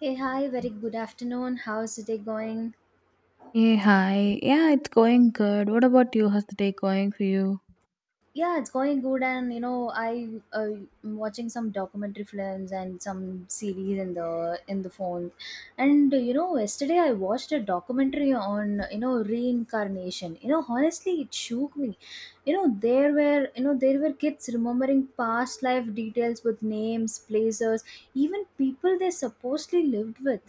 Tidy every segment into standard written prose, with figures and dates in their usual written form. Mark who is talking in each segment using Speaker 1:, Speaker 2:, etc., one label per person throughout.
Speaker 1: Hey, hi, very good afternoon. How's the day going?
Speaker 2: Hey, hi. Yeah, it's going good. What about you? How's the day going for you?
Speaker 1: Yeah, it's going good, and you know, I am watching some documentary films and some series in the phone, and you know, yesterday I watched a documentary on you know reincarnation. You know, honestly, it shook me. You know, there were you know there were kids remembering past life details with names, places, even people they supposedly lived with.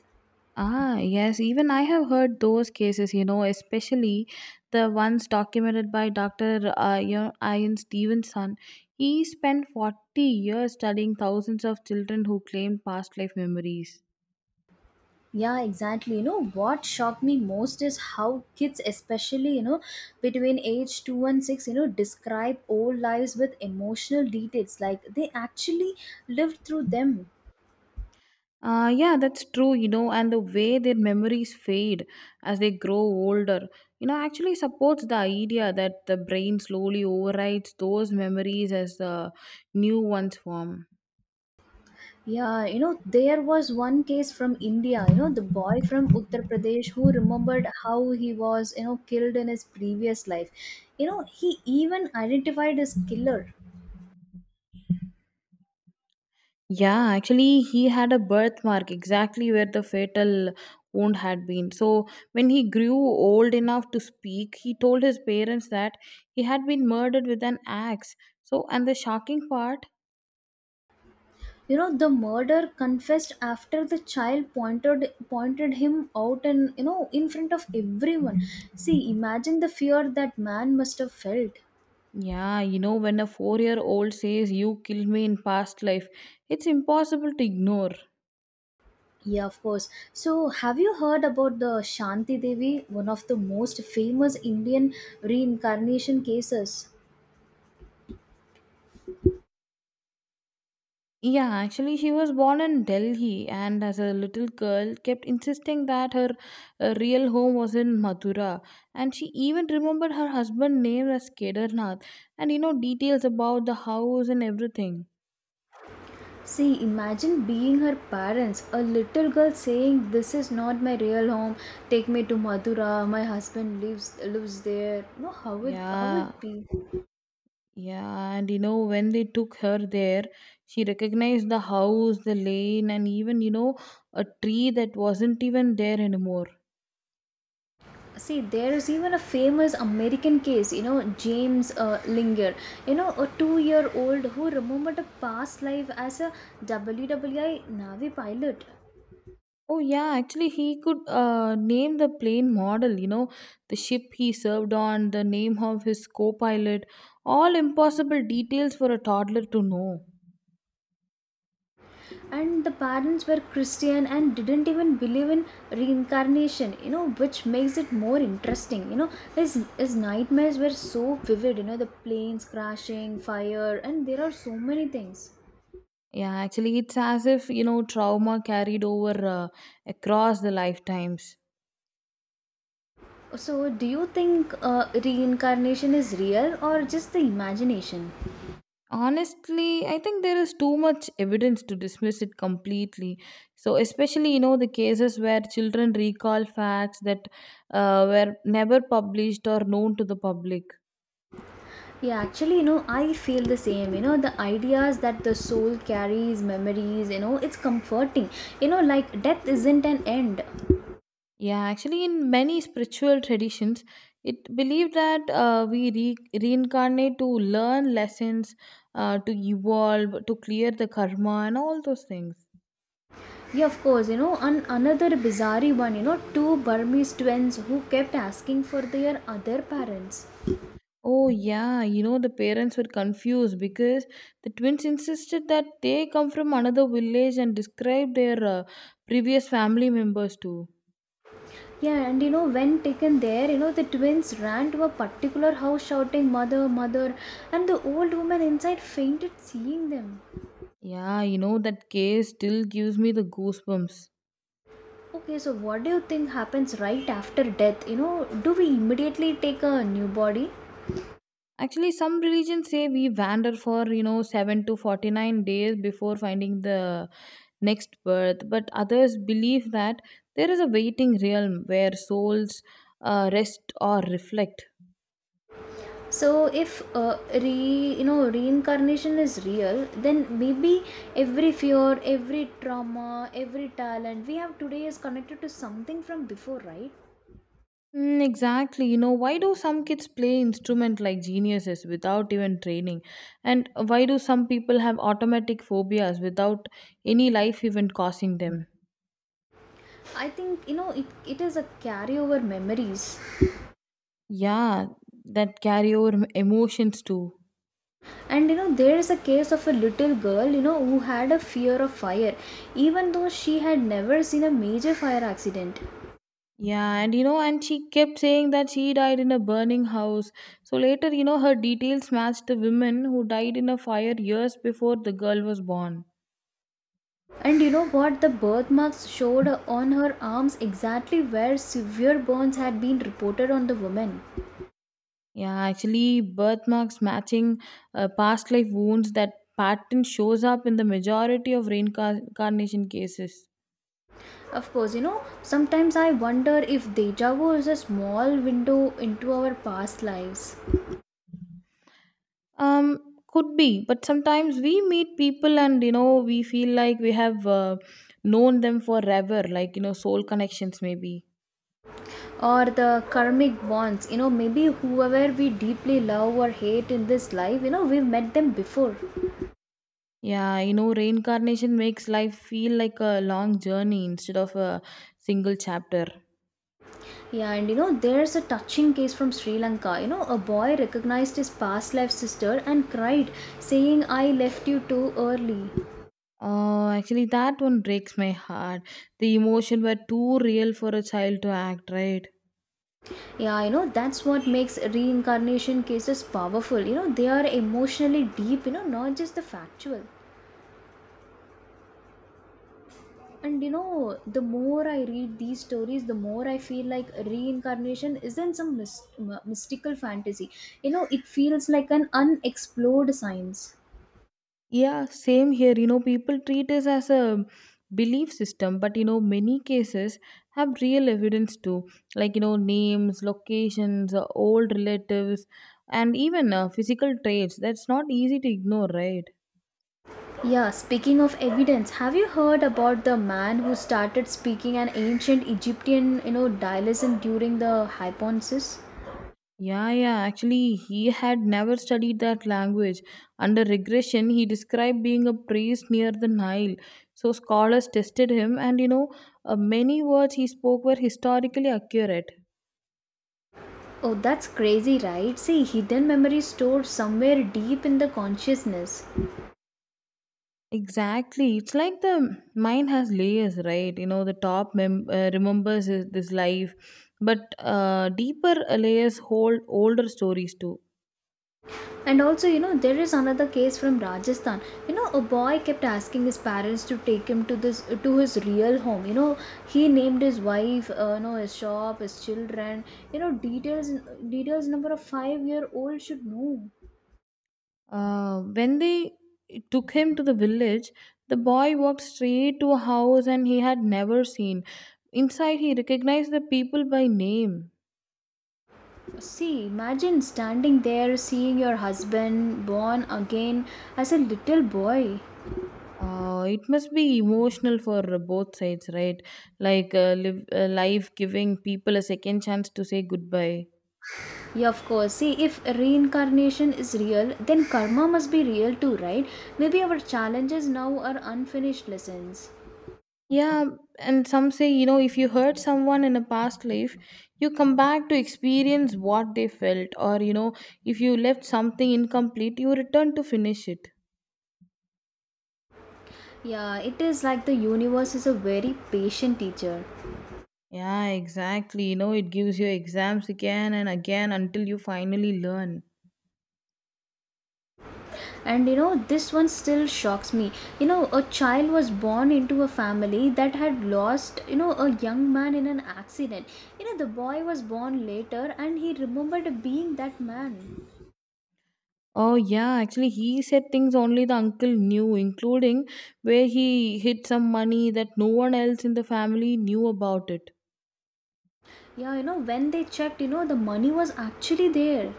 Speaker 2: Ah, yes. Even I have heard those cases, especially the ones documented by Dr. Ian Stevenson. He spent 40 years studying thousands of children who claimed past life memories.
Speaker 1: Yeah, exactly. You know, what shocked me most is how kids, especially, you know, between age 2 and 6, you know, describe old lives with emotional details, like they actually lived through them.
Speaker 2: Yeah, that's true, and the way their memories fade as they grow older, actually supports the idea that the brain slowly overrides those memories as the new ones form.
Speaker 1: Yeah, you know, there was one case from India, you know, the boy from Uttar Pradesh who remembered how he was, you know, killed in his previous life. You know, he even identified his killer.
Speaker 2: Yeah, actually, he had a birthmark exactly where the fatal wound had been. So, when he grew old enough to speak, he told his parents that he had been murdered with an axe. So, and the shocking part.
Speaker 1: You know, the murderer confessed after the child pointed him out and you know in front of everyone. See, imagine the fear that man must have felt.
Speaker 2: Yeah, when a 4-year old says, "You killed me in past life," it's impossible to ignore.
Speaker 1: Yeah, of course. So, have you heard about the Shanti Devi, one of the most famous Indian reincarnation cases?
Speaker 2: Yeah, actually, she was born in Delhi and as a little girl kept insisting that her real home was in Mathura. And she even remembered her husband's name as Kedarnath and, details about the house and everything.
Speaker 1: See, imagine being her parents, a little girl saying, "This is not my real home. Take me to Madura. My husband lives there." No, how would
Speaker 2: Yeah,
Speaker 1: it be?
Speaker 2: yeah, and when they took her there, she recognized the house, the lane, and even, a tree that wasn't even there anymore.
Speaker 1: See, there is even a famous American case, you know, James Linger, you know, a 2-year old who remembered a past life as a W. W. I. Navy pilot.
Speaker 2: Oh, yeah, actually, he could name the plane model, the ship he served on, the name of his co pilot, all impossible details for a toddler to know.
Speaker 1: And the parents were Christian and didn't even believe in reincarnation, you know, which makes it more interesting. You know, his nightmares were so vivid, you know, the planes crashing, fire, and there are so many things.
Speaker 2: Yeah, actually, it's as if, trauma carried over across the lifetimes.
Speaker 1: So, do you think reincarnation is real or just the imagination?
Speaker 2: Honestly, I think there is too much evidence to dismiss it completely. So, especially, the cases where children recall facts that were never published or known to the public.
Speaker 1: Yeah, actually, you know, I feel the same. You know, the ideas that the soul carries, memories, you know, it's comforting. You know, like death isn't an end.
Speaker 2: Yeah, actually, in many spiritual traditions, it believed that we reincarnate to learn lessons, to evolve, to clear the karma, and all those things.
Speaker 1: Yeah, of course, you know, and another bizarre one, you know, two Burmese twins who kept asking for their other parents.
Speaker 2: Oh, yeah, the parents were confused because the twins insisted that they come from another village and described their previous family members too.
Speaker 1: Yeah, and you know, when taken there, you know, the twins ran to a particular house shouting, "Mother, Mother," and the old woman inside fainted seeing them.
Speaker 2: Yeah, that case still gives me the goosebumps.
Speaker 1: Okay, so what do you think happens right after death? You know, do we immediately take a new body?
Speaker 2: Actually, some religions say we wander for, 7 to 49 days before finding the next birth, but others believe that there is a waiting realm where souls rest or reflect.
Speaker 1: So if re you know reincarnation is real, then maybe every fear, every trauma, every talent we have today is connected to something from before, right?
Speaker 2: Mm, exactly. Why do some kids play instrument like geniuses without even training? And why do some people have automatic phobias without any life event causing them?
Speaker 1: I think you know it is a carryover memories.
Speaker 2: Yeah, that carry over emotions too.
Speaker 1: And you know there is a case of a little girl, you know, who had a fear of fire even though she had never seen a major fire accident.
Speaker 2: Yeah, and she kept saying that she died in a burning house. So later, her details matched the women who died in a fire years before the girl was born.
Speaker 1: And you know what? The birthmarks showed on her arms exactly where severe burns had been reported on the woman.
Speaker 2: Yeah, actually, birthmarks matching past life wounds, that pattern shows up in the majority of reincarnation cases.
Speaker 1: Of course, you know, sometimes I wonder if deja vu is a small window into our past lives
Speaker 2: Um, could be, but sometimes we meet people and we feel like we have known them forever, like soul connections maybe.
Speaker 1: or the karmic bonds. You know, maybe whoever we deeply love or hate in this life, you know, we've met them before.
Speaker 2: Yeah, reincarnation makes life feel like a long journey instead of a single chapter.
Speaker 1: Yeah, and you know, there's a touching case from Sri Lanka. You know, a boy recognized his past life sister and cried, saying, "I left you too early."
Speaker 2: Oh, actually, that one breaks my heart. The emotion were too real for a child to act, right?
Speaker 1: Yeah, you know, that's what makes reincarnation cases powerful. You know, they are emotionally deep, you know, not just the factual. And you know, the more I read these stories, the more I feel like reincarnation isn't some mystical fantasy. You know, it feels like an unexplored science.
Speaker 2: Yeah, same here. People treat it as a belief system, but many cases have real evidence too, like names, locations, old relatives, and even physical traits. That's not easy to ignore, right?
Speaker 1: Yeah, speaking of evidence, have you heard about the man who started speaking an ancient Egyptian, you know, dialect during the hypnosis?
Speaker 2: Yeah, yeah. Actually, he had never studied that language. Under regression, he described being a priest near the Nile. So scholars tested him, and many words he spoke were historically accurate.
Speaker 1: Oh, that's crazy, right? See, hidden memory stored somewhere deep in the consciousness.
Speaker 2: Exactly. It's like the mind has layers, right? The top remembers this life, but deeper layers hold older stories too.
Speaker 1: And also, you know, there is another case from Rajasthan. You know, a boy kept asking his parents to take him to this to his real home. You know, he named his wife, you know, his shop, his children. You know, details number a 5-year old should know.
Speaker 2: When they took him to the village, the boy walked straight to a house and he had never seen. Inside, he recognized the people by name.
Speaker 1: See, imagine standing there, seeing your husband born again as a little boy.
Speaker 2: It must be emotional for both sides, right? Like life giving people a second chance to say goodbye.
Speaker 1: Yeah, of course. See, if reincarnation is real, then karma must be real too, right? Maybe our challenges now are unfinished lessons.
Speaker 2: Yeah, and some say, if you hurt someone in a past life, you come back to experience what they felt, or, if you left something incomplete, you return to finish it.
Speaker 1: Yeah, it is like the universe is a very patient teacher.
Speaker 2: Yeah, exactly. It gives you exams again and again until you finally learn.
Speaker 1: And you know, this one still shocks me. You know, a child was born into a family that had lost, you know, a young man in an accident. You know, the boy was born later and he remembered being that man.
Speaker 2: Oh, yeah, actually, he said things only the uncle knew, including where he hid some money that no one else in the family knew about it.
Speaker 1: Yeah, you know, when they checked, you know, the money was actually there.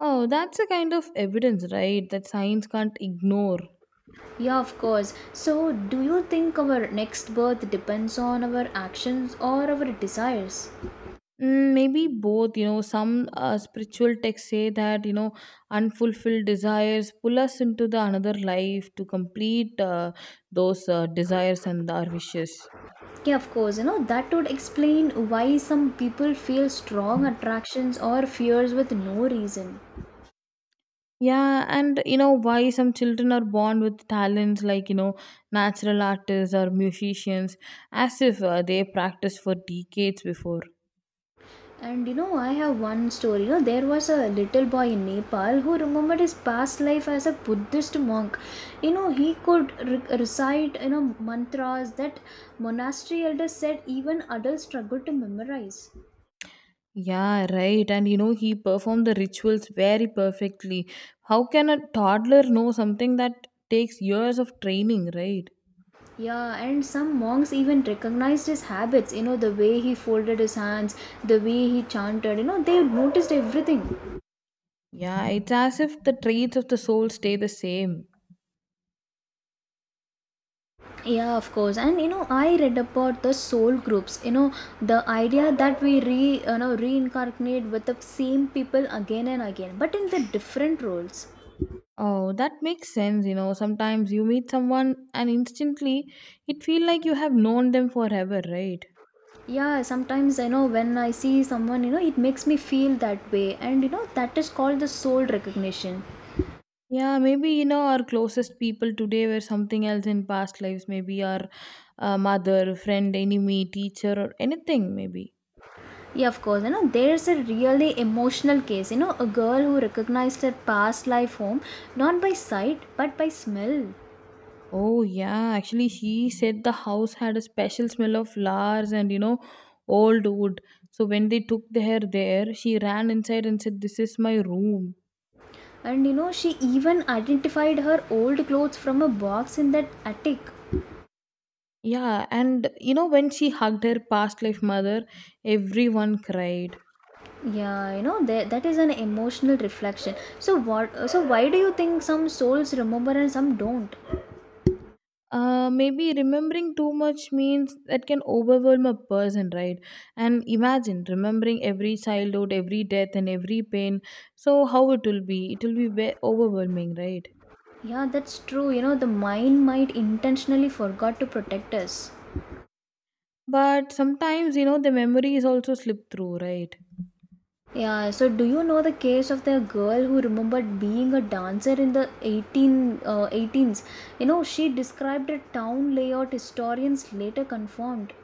Speaker 2: Oh, that's a kind of evidence, right, that science can't ignore.
Speaker 1: Yeah, of course. So, do you think our next birth depends on our actions or our desires?
Speaker 2: Mm, maybe both, some spiritual texts say that, unfulfilled desires pull us into the another life to complete those desires and our wishes.
Speaker 1: Yeah, of course. You know, that would explain why some people feel strong attractions or fears with no reason.
Speaker 2: Yeah, and why some children are born with talents like, natural artists or musicians as if they practiced for decades before.
Speaker 1: And you know, I have one story. You know, there was a little boy in Nepal who remembered his past life as a Buddhist monk. You know, he could recite, you know, mantras that monastery elders said even adults struggled to memorize.
Speaker 2: Yeah, right. And he performed the rituals very perfectly. How can a toddler know something that takes years of training, right?
Speaker 1: Yeah, and some monks even recognized his habits, you know, the way he folded his hands, the way he chanted, you know, they noticed everything.
Speaker 2: Yeah, it's as if the traits of the soul stay the same.
Speaker 1: Yeah, of course. And you know, I read about the soul groups, you know, the idea that we you know, reincarnate with the same people again and again, but in the different roles.
Speaker 2: Oh, that makes sense. Sometimes you meet someone and instantly it feel like you have known them forever, right?
Speaker 1: Yeah, sometimes I know when I see someone, you know, it makes me feel that way, and you know, that is called the soul recognition.
Speaker 2: Yeah, maybe our closest people today were something else in past lives. Maybe our mother, friend, enemy, teacher, or anything. Maybe.
Speaker 1: Yeah, of course. You know, there's a really emotional case. You know, a girl who recognized her past life home not by sight but by smell.
Speaker 2: Oh yeah, actually, she said the house had a special smell of flowers and old wood. So when they took her there, she ran inside and said, "This is my room."
Speaker 1: And you know, she even identified her old clothes from a box in that attic.
Speaker 2: Yeah, and when she hugged her past life mother, everyone cried.
Speaker 1: Yeah, you know, that is an emotional reflection. So what so why do you think some souls remember and some don't?
Speaker 2: Maybe remembering too much means that can overwhelm a person, right? And imagine remembering every childhood, every death, and every pain. So, how it will be? It will be overwhelming, right?
Speaker 1: Yeah, that's true. You know, the mind might intentionally forgot to protect us.
Speaker 2: But sometimes, the memories also slip through, right?
Speaker 1: Yeah, so do you know the case of the girl who remembered being a dancer in the 18s? You know, she described a town layout historians later confirmed.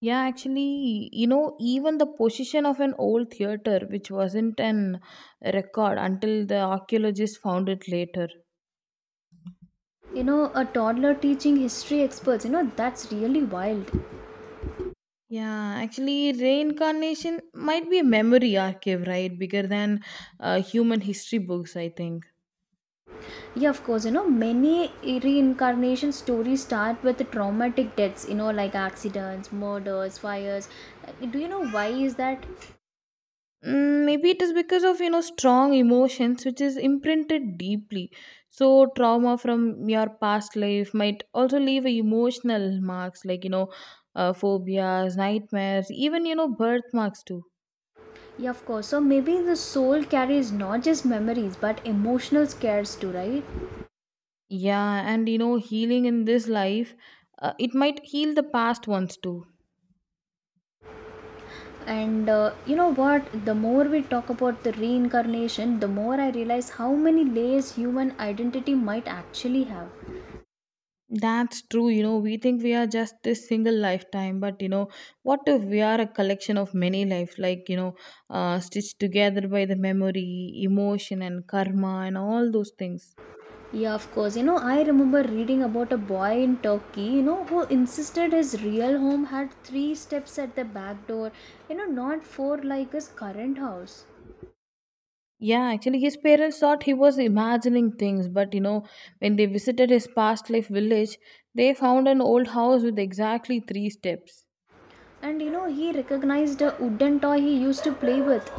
Speaker 2: Yeah, actually, even the position of an old theater, which wasn't an record until the archaeologists found it later.
Speaker 1: You know, a toddler teaching history experts, you know, that's really wild.
Speaker 2: Yeah, actually, reincarnation might be a memory archive, right? Bigger than human history books, I think.
Speaker 1: Yeah, of course, you know, many reincarnation stories start with traumatic deaths, you know, like accidents, murders, fires. Do you know why is that?
Speaker 2: Mm, maybe it is because of strong emotions which is imprinted deeply. So trauma from your past life might also leave a emotional marks, like phobias, nightmares, even birthmarks too.
Speaker 1: Yeah, of course. So maybe the soul carries not just memories but emotional scares too, right?
Speaker 2: Yeah, and healing in this life, it might heal the past ones too.
Speaker 1: And you know what? The more we talk about the reincarnation, the more I realize how many layers human identity might actually have.
Speaker 2: That's true. We think we are just this single lifetime, but what if we are a collection of many life, like stitched together by the memory, emotion, and karma, and all those things.
Speaker 1: Yeah, of course. You know, I remember reading about a boy in Turkey, you know, who insisted his real home had three steps at the back door, you know, not four like his current house.
Speaker 2: Yeah, actually, his parents thought he was imagining things, but when they visited his past life village, they found an old house with exactly three steps.
Speaker 1: And you know, he recognized a wooden toy he used to play with.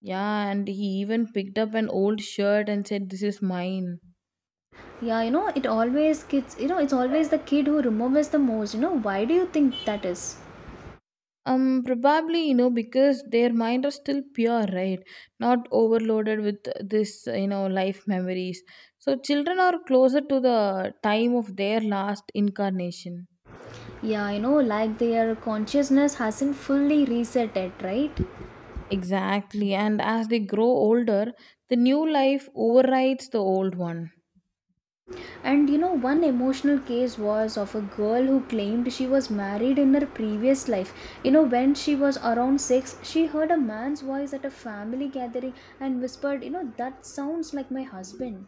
Speaker 2: Yeah, and he even picked up an old shirt and said, "This is mine."
Speaker 1: Yeah, you know, it always kids, you know, it's always the kid who remembers the most. You know, why do you think that is?
Speaker 2: Probably, because their mind are still pure, right? Not overloaded with this, life memories. So children are closer to the time of their last incarnation.
Speaker 1: Yeah, you know, like their consciousness hasn't fully reset yet, right?
Speaker 2: Exactly. And as they grow older, the new life overrides the old one.
Speaker 1: And you know, one emotional case was of a girl who claimed she was married in her previous life. You know, when she was around six, she heard a man's voice at a family gathering and whispered, "You know, that sounds like my husband."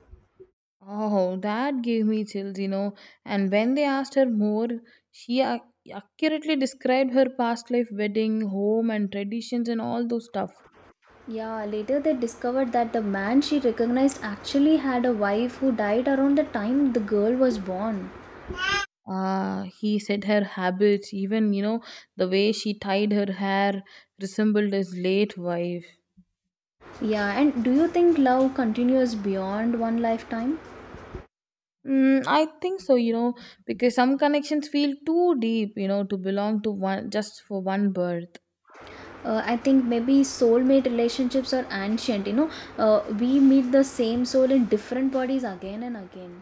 Speaker 2: Oh, that gave me chills. And when they asked her more, she accurately described her past life, wedding, home, and traditions, and all those stuff.
Speaker 1: Yeah, later they discovered that the man she recognized actually had a wife who died around the time the girl was born.
Speaker 2: Ah, he said her habits, even the way she tied her hair resembled his late wife.
Speaker 1: Yeah, and do you think love continues beyond one lifetime?
Speaker 2: Mm, I think so, because some connections feel too deep, to belong to one just for one birth.
Speaker 1: I think maybe soulmate relationships are ancient, you know, we meet the same soul in different bodies again and again.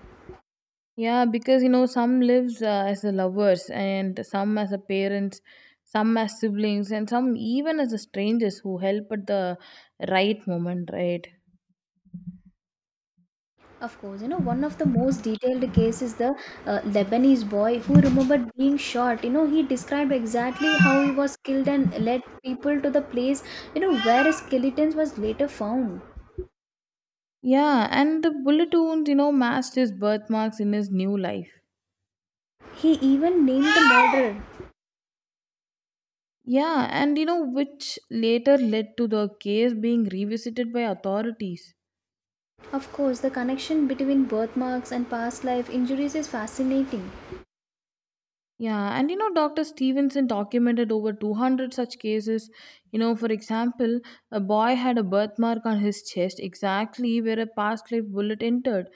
Speaker 2: Yeah, because some lives as a lovers, and some as a parents, some as siblings, and some even as a strangers who help at the right moment, right?
Speaker 1: Of course, you know, one of the most detailed case is the Lebanese boy who remembered being shot, you know, he described exactly how he was killed and led people to the place, you know, where his skeletons was later found.
Speaker 2: Yeah, and the bullet wound, matched his birthmarks in his new life.
Speaker 1: He even named the murderer.
Speaker 2: Yeah, and which later led to the case being revisited by authorities.
Speaker 1: Of course, the connection between birthmarks and past life injuries is fascinating.
Speaker 2: Yeah, and Dr. Stevenson documented over 200 such cases. For example, a boy had a birthmark on his chest exactly where a past life bullet entered.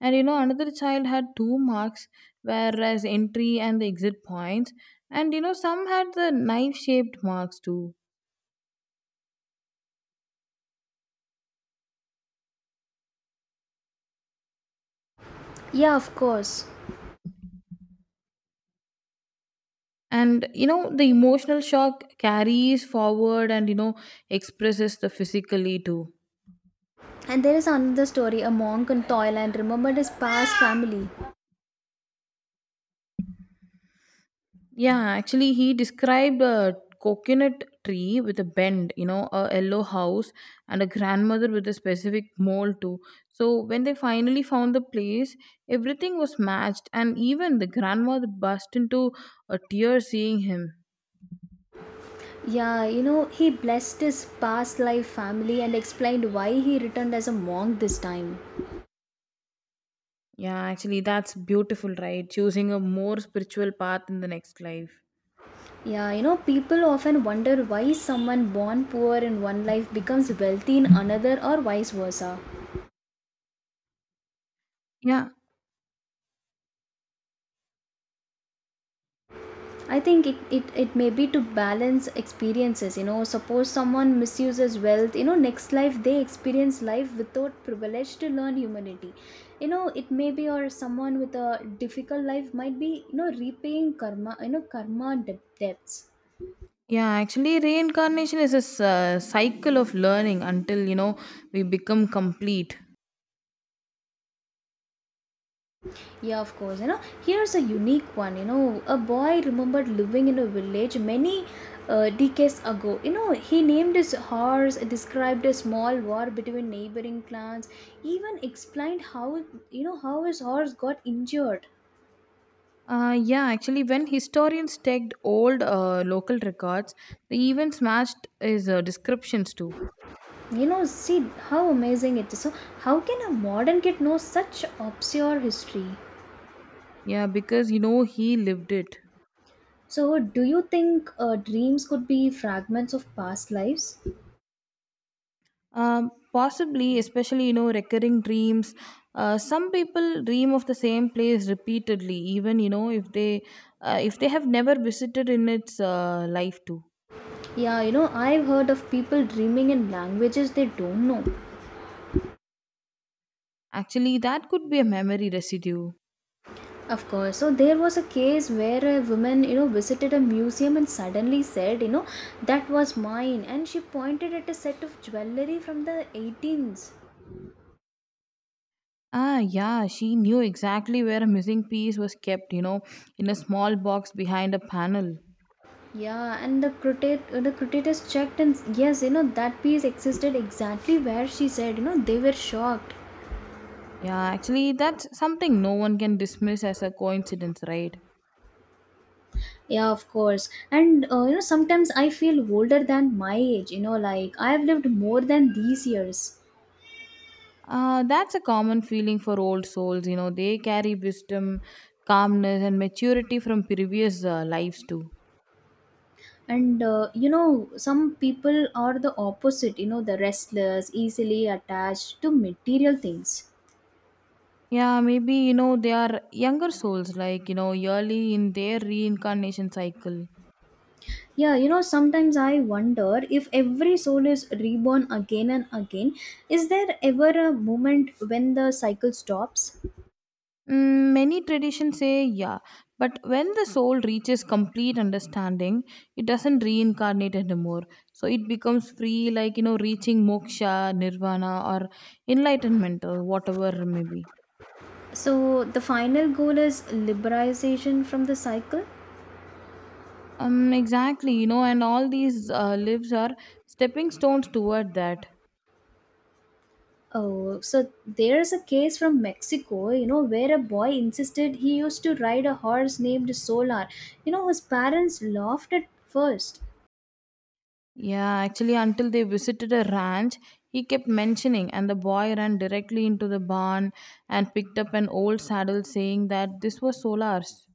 Speaker 2: And another child had two marks, whereas entry and the exit points. And some had the knife shaped marks too.
Speaker 1: Yeah, of course.
Speaker 2: And the emotional shock carries forward and expresses the physically too.
Speaker 1: And there is another story, a monk in Thailand remembered his past family.
Speaker 2: Yeah, actually he described a coconut tree with a bend, a yellow house and a grandmother with a specific mold too. So when they finally found the place, everything was matched and even the grandmother burst into a tear seeing him.
Speaker 1: Yeah, you know, he blessed his past life family and explained why he returned as a monk this time.
Speaker 2: Yeah, actually, that's beautiful, right? Choosing a more spiritual path in the next life.
Speaker 1: Yeah, you know, people often wonder why someone born poor in one life becomes wealthy in another or vice versa.
Speaker 2: Yeah.
Speaker 1: I think it may be to balance experiences. You know, suppose someone misuses wealth, you know, next life they experience life without privilege to learn humanity. You know, it may be, or someone with a difficult life might be, you know, repaying karma, you know, karma debts.
Speaker 2: Yeah, actually, reincarnation is a cycle of learning until we become complete.
Speaker 1: Yeah, of course. You know, here's a unique one. You know, a boy remembered living in a village many decades ago. He named his horse, described a small war between neighboring clans, even explained how you know how his horse got injured.
Speaker 2: Yeah, actually, when historians checked old local records, they even smashed his descriptions too.
Speaker 1: See how amazing it is. So, how can a modern kid know such obscure history?
Speaker 2: Yeah, because you know he lived it.
Speaker 1: So, do you think dreams could be fragments of past lives?
Speaker 2: Um, possibly, especially you know recurring dreams. Some people dream of the same place repeatedly, even you know if they if they have never visited in its life too.
Speaker 1: Yeah, I've heard of people dreaming in languages they don't know.
Speaker 2: Actually, that could be a memory residue.
Speaker 1: Of course. So there was a case where a woman, visited a museum and suddenly said, that was mine. And she pointed at a set of jewelry from the 18s.
Speaker 2: Yeah, she knew exactly where a missing piece was kept, you know, in a small box behind a panel.
Speaker 1: Yeah, and the critics checked, and yes, that piece existed exactly where she said, they were shocked.
Speaker 2: Yeah, actually, that's something no one can dismiss as a coincidence, right?
Speaker 1: Yeah, of course. And sometimes I feel older than my age, like I've lived more than these years.
Speaker 2: That's a common feeling for old souls, you know, they carry wisdom, calmness, and maturity from previous lives, too.
Speaker 1: And some people are the opposite, the restless, easily attached to material things.
Speaker 2: Yeah, maybe, you know, they are younger souls, like, you know, yearly in their reincarnation cycle.
Speaker 1: Yeah, sometimes I wonder if every soul is reborn again and again. Is there ever a moment when the cycle stops?
Speaker 2: Mm, many traditions say yeah, but when the soul reaches complete understanding, it doesn't reincarnate anymore. So it becomes free, like you know, reaching moksha, nirvana, or enlightenment, or whatever may be.
Speaker 1: So, the final goal is liberalization from the cycle.
Speaker 2: Exactly, you know, and all these lives are stepping stones toward that.
Speaker 1: Oh, so there's a case from Mexico, where a boy insisted he used to ride a horse named Solar. His parents laughed at first.
Speaker 2: Yeah, actually, until they visited a ranch, he kept mentioning, and the boy ran directly into the barn and picked up an old saddle, saying that this was Solar's.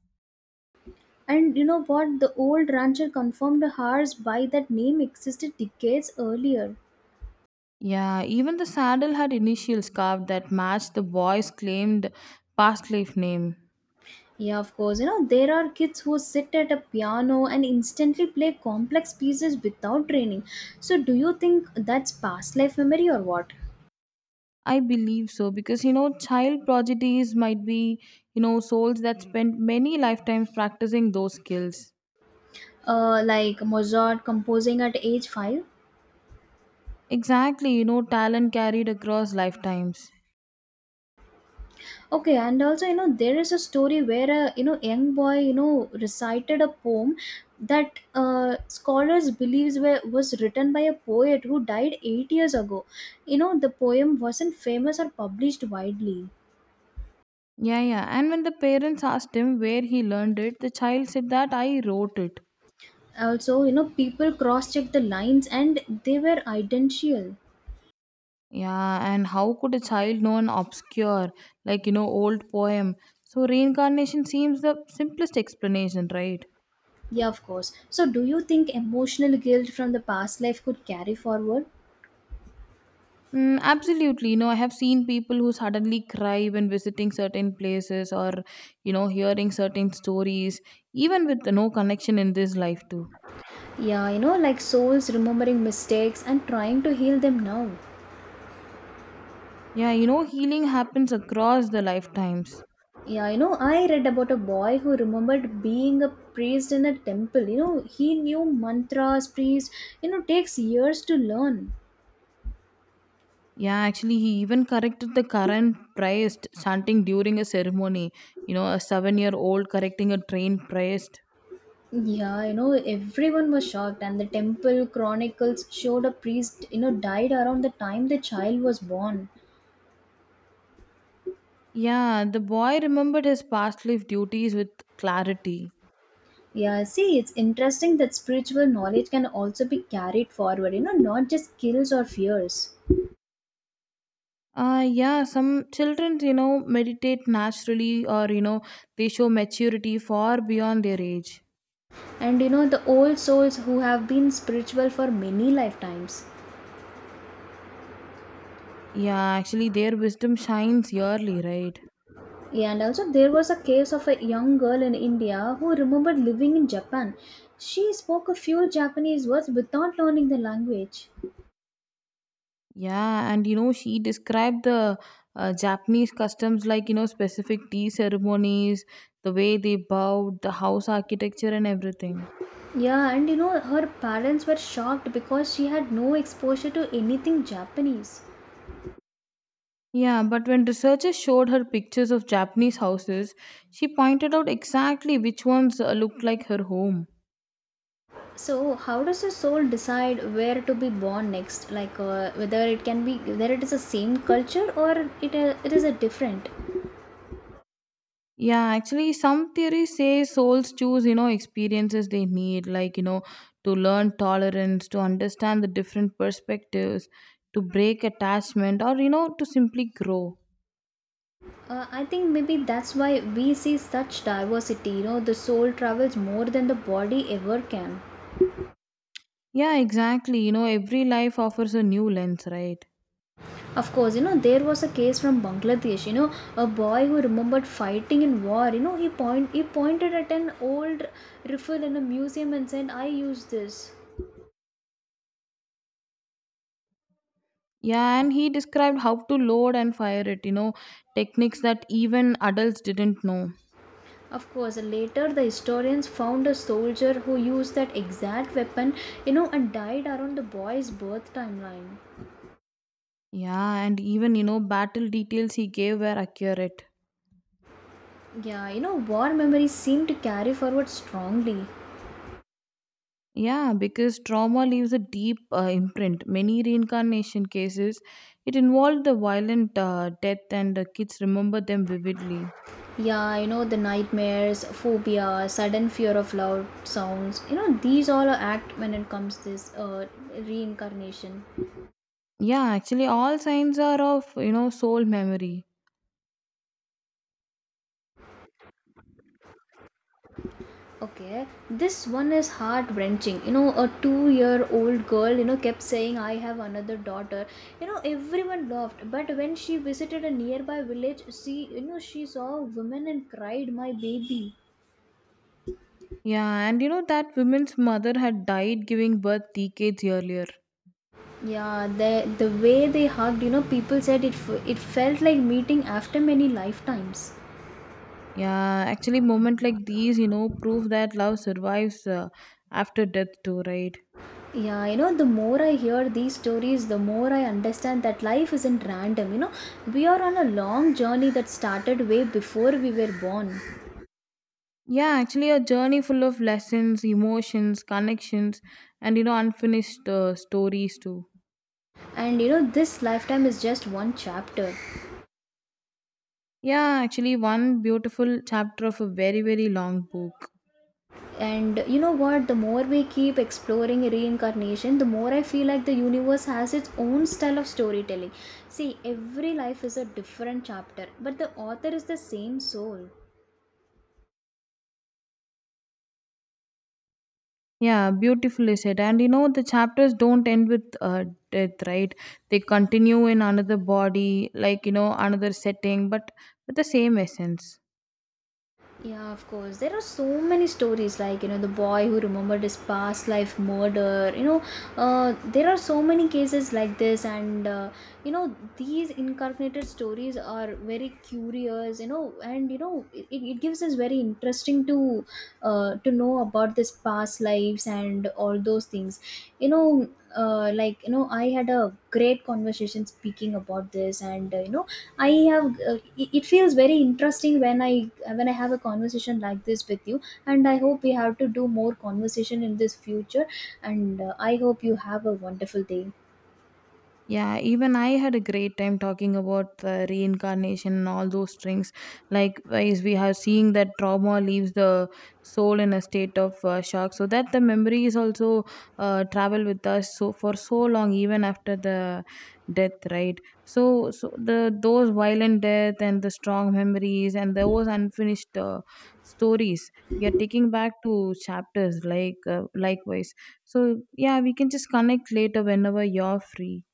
Speaker 1: And you know what? The old rancher confirmed ours by that name existed decades earlier.
Speaker 2: Yeah, even the saddle had initials carved that matched the boy's claimed past life name.
Speaker 1: Yeah, of course. There are kids who sit at a piano and instantly play complex pieces without training. So, do you think that's past life memory or what?
Speaker 2: I believe so because you know, child prodigies might be, you know, souls that spent many lifetimes practicing those skills.
Speaker 1: Like Mozart composing at age 5?
Speaker 2: Exactly, you know, talent carried across lifetimes.
Speaker 1: Okay, and also, there is a story where a young boy, recited a poem that scholars believes was written by a poet who died 8 years ago. The poem wasn't famous or published widely.
Speaker 2: Yeah, yeah. And when the parents asked him where he learned it, the child said that I wrote it.
Speaker 1: Also, people cross-checked the lines and they were identical.
Speaker 2: Yeah, and how could a child know an obscure, like, you know, old poem? So, reincarnation seems the simplest explanation, right?
Speaker 1: Yeah, of course. So, do you think emotional guilt from the past life could carry forward?
Speaker 2: Mm, absolutely. You know, I have seen people who suddenly cry when visiting certain places or, you know, hearing certain stories, even with no connection in this life, too.
Speaker 1: Yeah, like souls remembering mistakes and trying to heal them now.
Speaker 2: Yeah, you know, healing happens across the lifetimes.
Speaker 1: Yeah, I read about a boy who remembered being a priest in a temple. He knew mantras; priest, takes years to learn.
Speaker 2: Yeah, actually, he even corrected the current priest chanting during a ceremony. You know, a 7 year old correcting a trained priest.
Speaker 1: Yeah, everyone was shocked, and the temple chronicles showed a priest, died around the time the child was born.
Speaker 2: Yeah, the boy remembered his past life duties with clarity.
Speaker 1: Yeah, see, it's interesting that spiritual knowledge can also be carried forward, not just skills or fears.
Speaker 2: Yeah, some children, you know, meditate naturally or, you know, they show maturity far beyond their age.
Speaker 1: And the old souls who have been spiritual for many lifetimes.
Speaker 2: Yeah, actually, their wisdom shines yearly, right?
Speaker 1: Yeah, and also there was a case of a young girl in India who remembered living in Japan. She spoke a few Japanese words without learning the language.
Speaker 2: Yeah, and, you know, she described the Japanese customs like, you know, specific tea ceremonies, the way they bowed, the house architecture, and everything.
Speaker 1: Yeah, and her parents were shocked because she had no exposure to anything Japanese.
Speaker 2: Yeah, but when researchers showed her pictures of Japanese houses, she pointed out exactly which ones looked like her home.
Speaker 1: So, how does a soul decide where to be born next? Like, whether it is the same culture, or it is a different.
Speaker 2: Yeah, actually, some theories say souls choose, you know, experiences they need, like, you know, to learn tolerance, to understand the different perspectives, to break attachment, or, you know, to simply grow.
Speaker 1: I think maybe that's why we see such diversity. The soul travels more than the body ever can.
Speaker 2: Yeah, exactly. You know, every life offers a new lens, right?
Speaker 1: Of course, there was a case from Bangladesh, a boy who remembered fighting in war, he pointed at an old rifle in a museum and said, I used this.
Speaker 2: Yeah, and he described how to load and fire it, you know, techniques that even adults didn't know.
Speaker 1: Of course, later the historians found a soldier who used that exact weapon, and died around the boy's birth timeline.
Speaker 2: Yeah, and even you know, battle details he gave were accurate.
Speaker 1: Yeah, war memories seem to carry forward strongly.
Speaker 2: Yeah, because trauma leaves a deep imprint. Many reincarnation cases, it involved the violent death, and the kids remember them vividly.
Speaker 1: Yeah, the nightmares, phobia, sudden fear of loud sounds, these all are act when it comes this reincarnation.
Speaker 2: Yeah, actually, all signs are of you know soul memory.
Speaker 1: Okay, this one is heart wrenching. A 2-year old girl, kept saying, I have another daughter. Everyone laughed, but when she visited a nearby village, she saw a woman and cried, My baby.
Speaker 2: Yeah, and you know that woman's mother had died giving birth decades earlier.
Speaker 1: Yeah, the way they hugged, people said it felt like meeting after many lifetimes.
Speaker 2: Yeah, actually, moment like these, you know, prove that love survives after death too, right?
Speaker 1: Yeah, the more I hear these stories, the more I understand that life isn't random. We are on a long journey that started way before we were born.
Speaker 2: Yeah, actually, a journey full of lessons, emotions, connections, and you know, unfinished stories too.
Speaker 1: And this lifetime is just one chapter.
Speaker 2: Yeah, actually, one beautiful chapter of a very, very long book.
Speaker 1: And you know what? The more we keep exploring reincarnation, the more I feel like the universe has its own style of storytelling. See, every life is a different chapter, but the author is the same soul.
Speaker 2: Yeah, beautifully said. And you know, the chapters don't end with death, right? They continue in another body, like you know, another setting, but with the same essence.
Speaker 1: Yeah, of course. There are so many stories like, the boy who remembered his past life murder. There are so many cases like this, and, these incarnated stories are very curious, and, it gives us very interesting to know about this past lives and all those things. You know, I had a great conversation speaking about this, and, you know, I have it feels very interesting when I have a conversation like this with you, and I hope we have to do more conversation in this future, and I hope you have a wonderful day.
Speaker 2: Yeah, even I had a great time talking about the reincarnation and all those things. Likewise, we have seeing that trauma leaves the soul in a state of shock, so that the memories also travel with us so for so long, even after the death, right? So, the those violent death and the strong memories and those unfinished stories. We are taking back to chapters like likewise. So yeah, we can just connect later whenever you're free.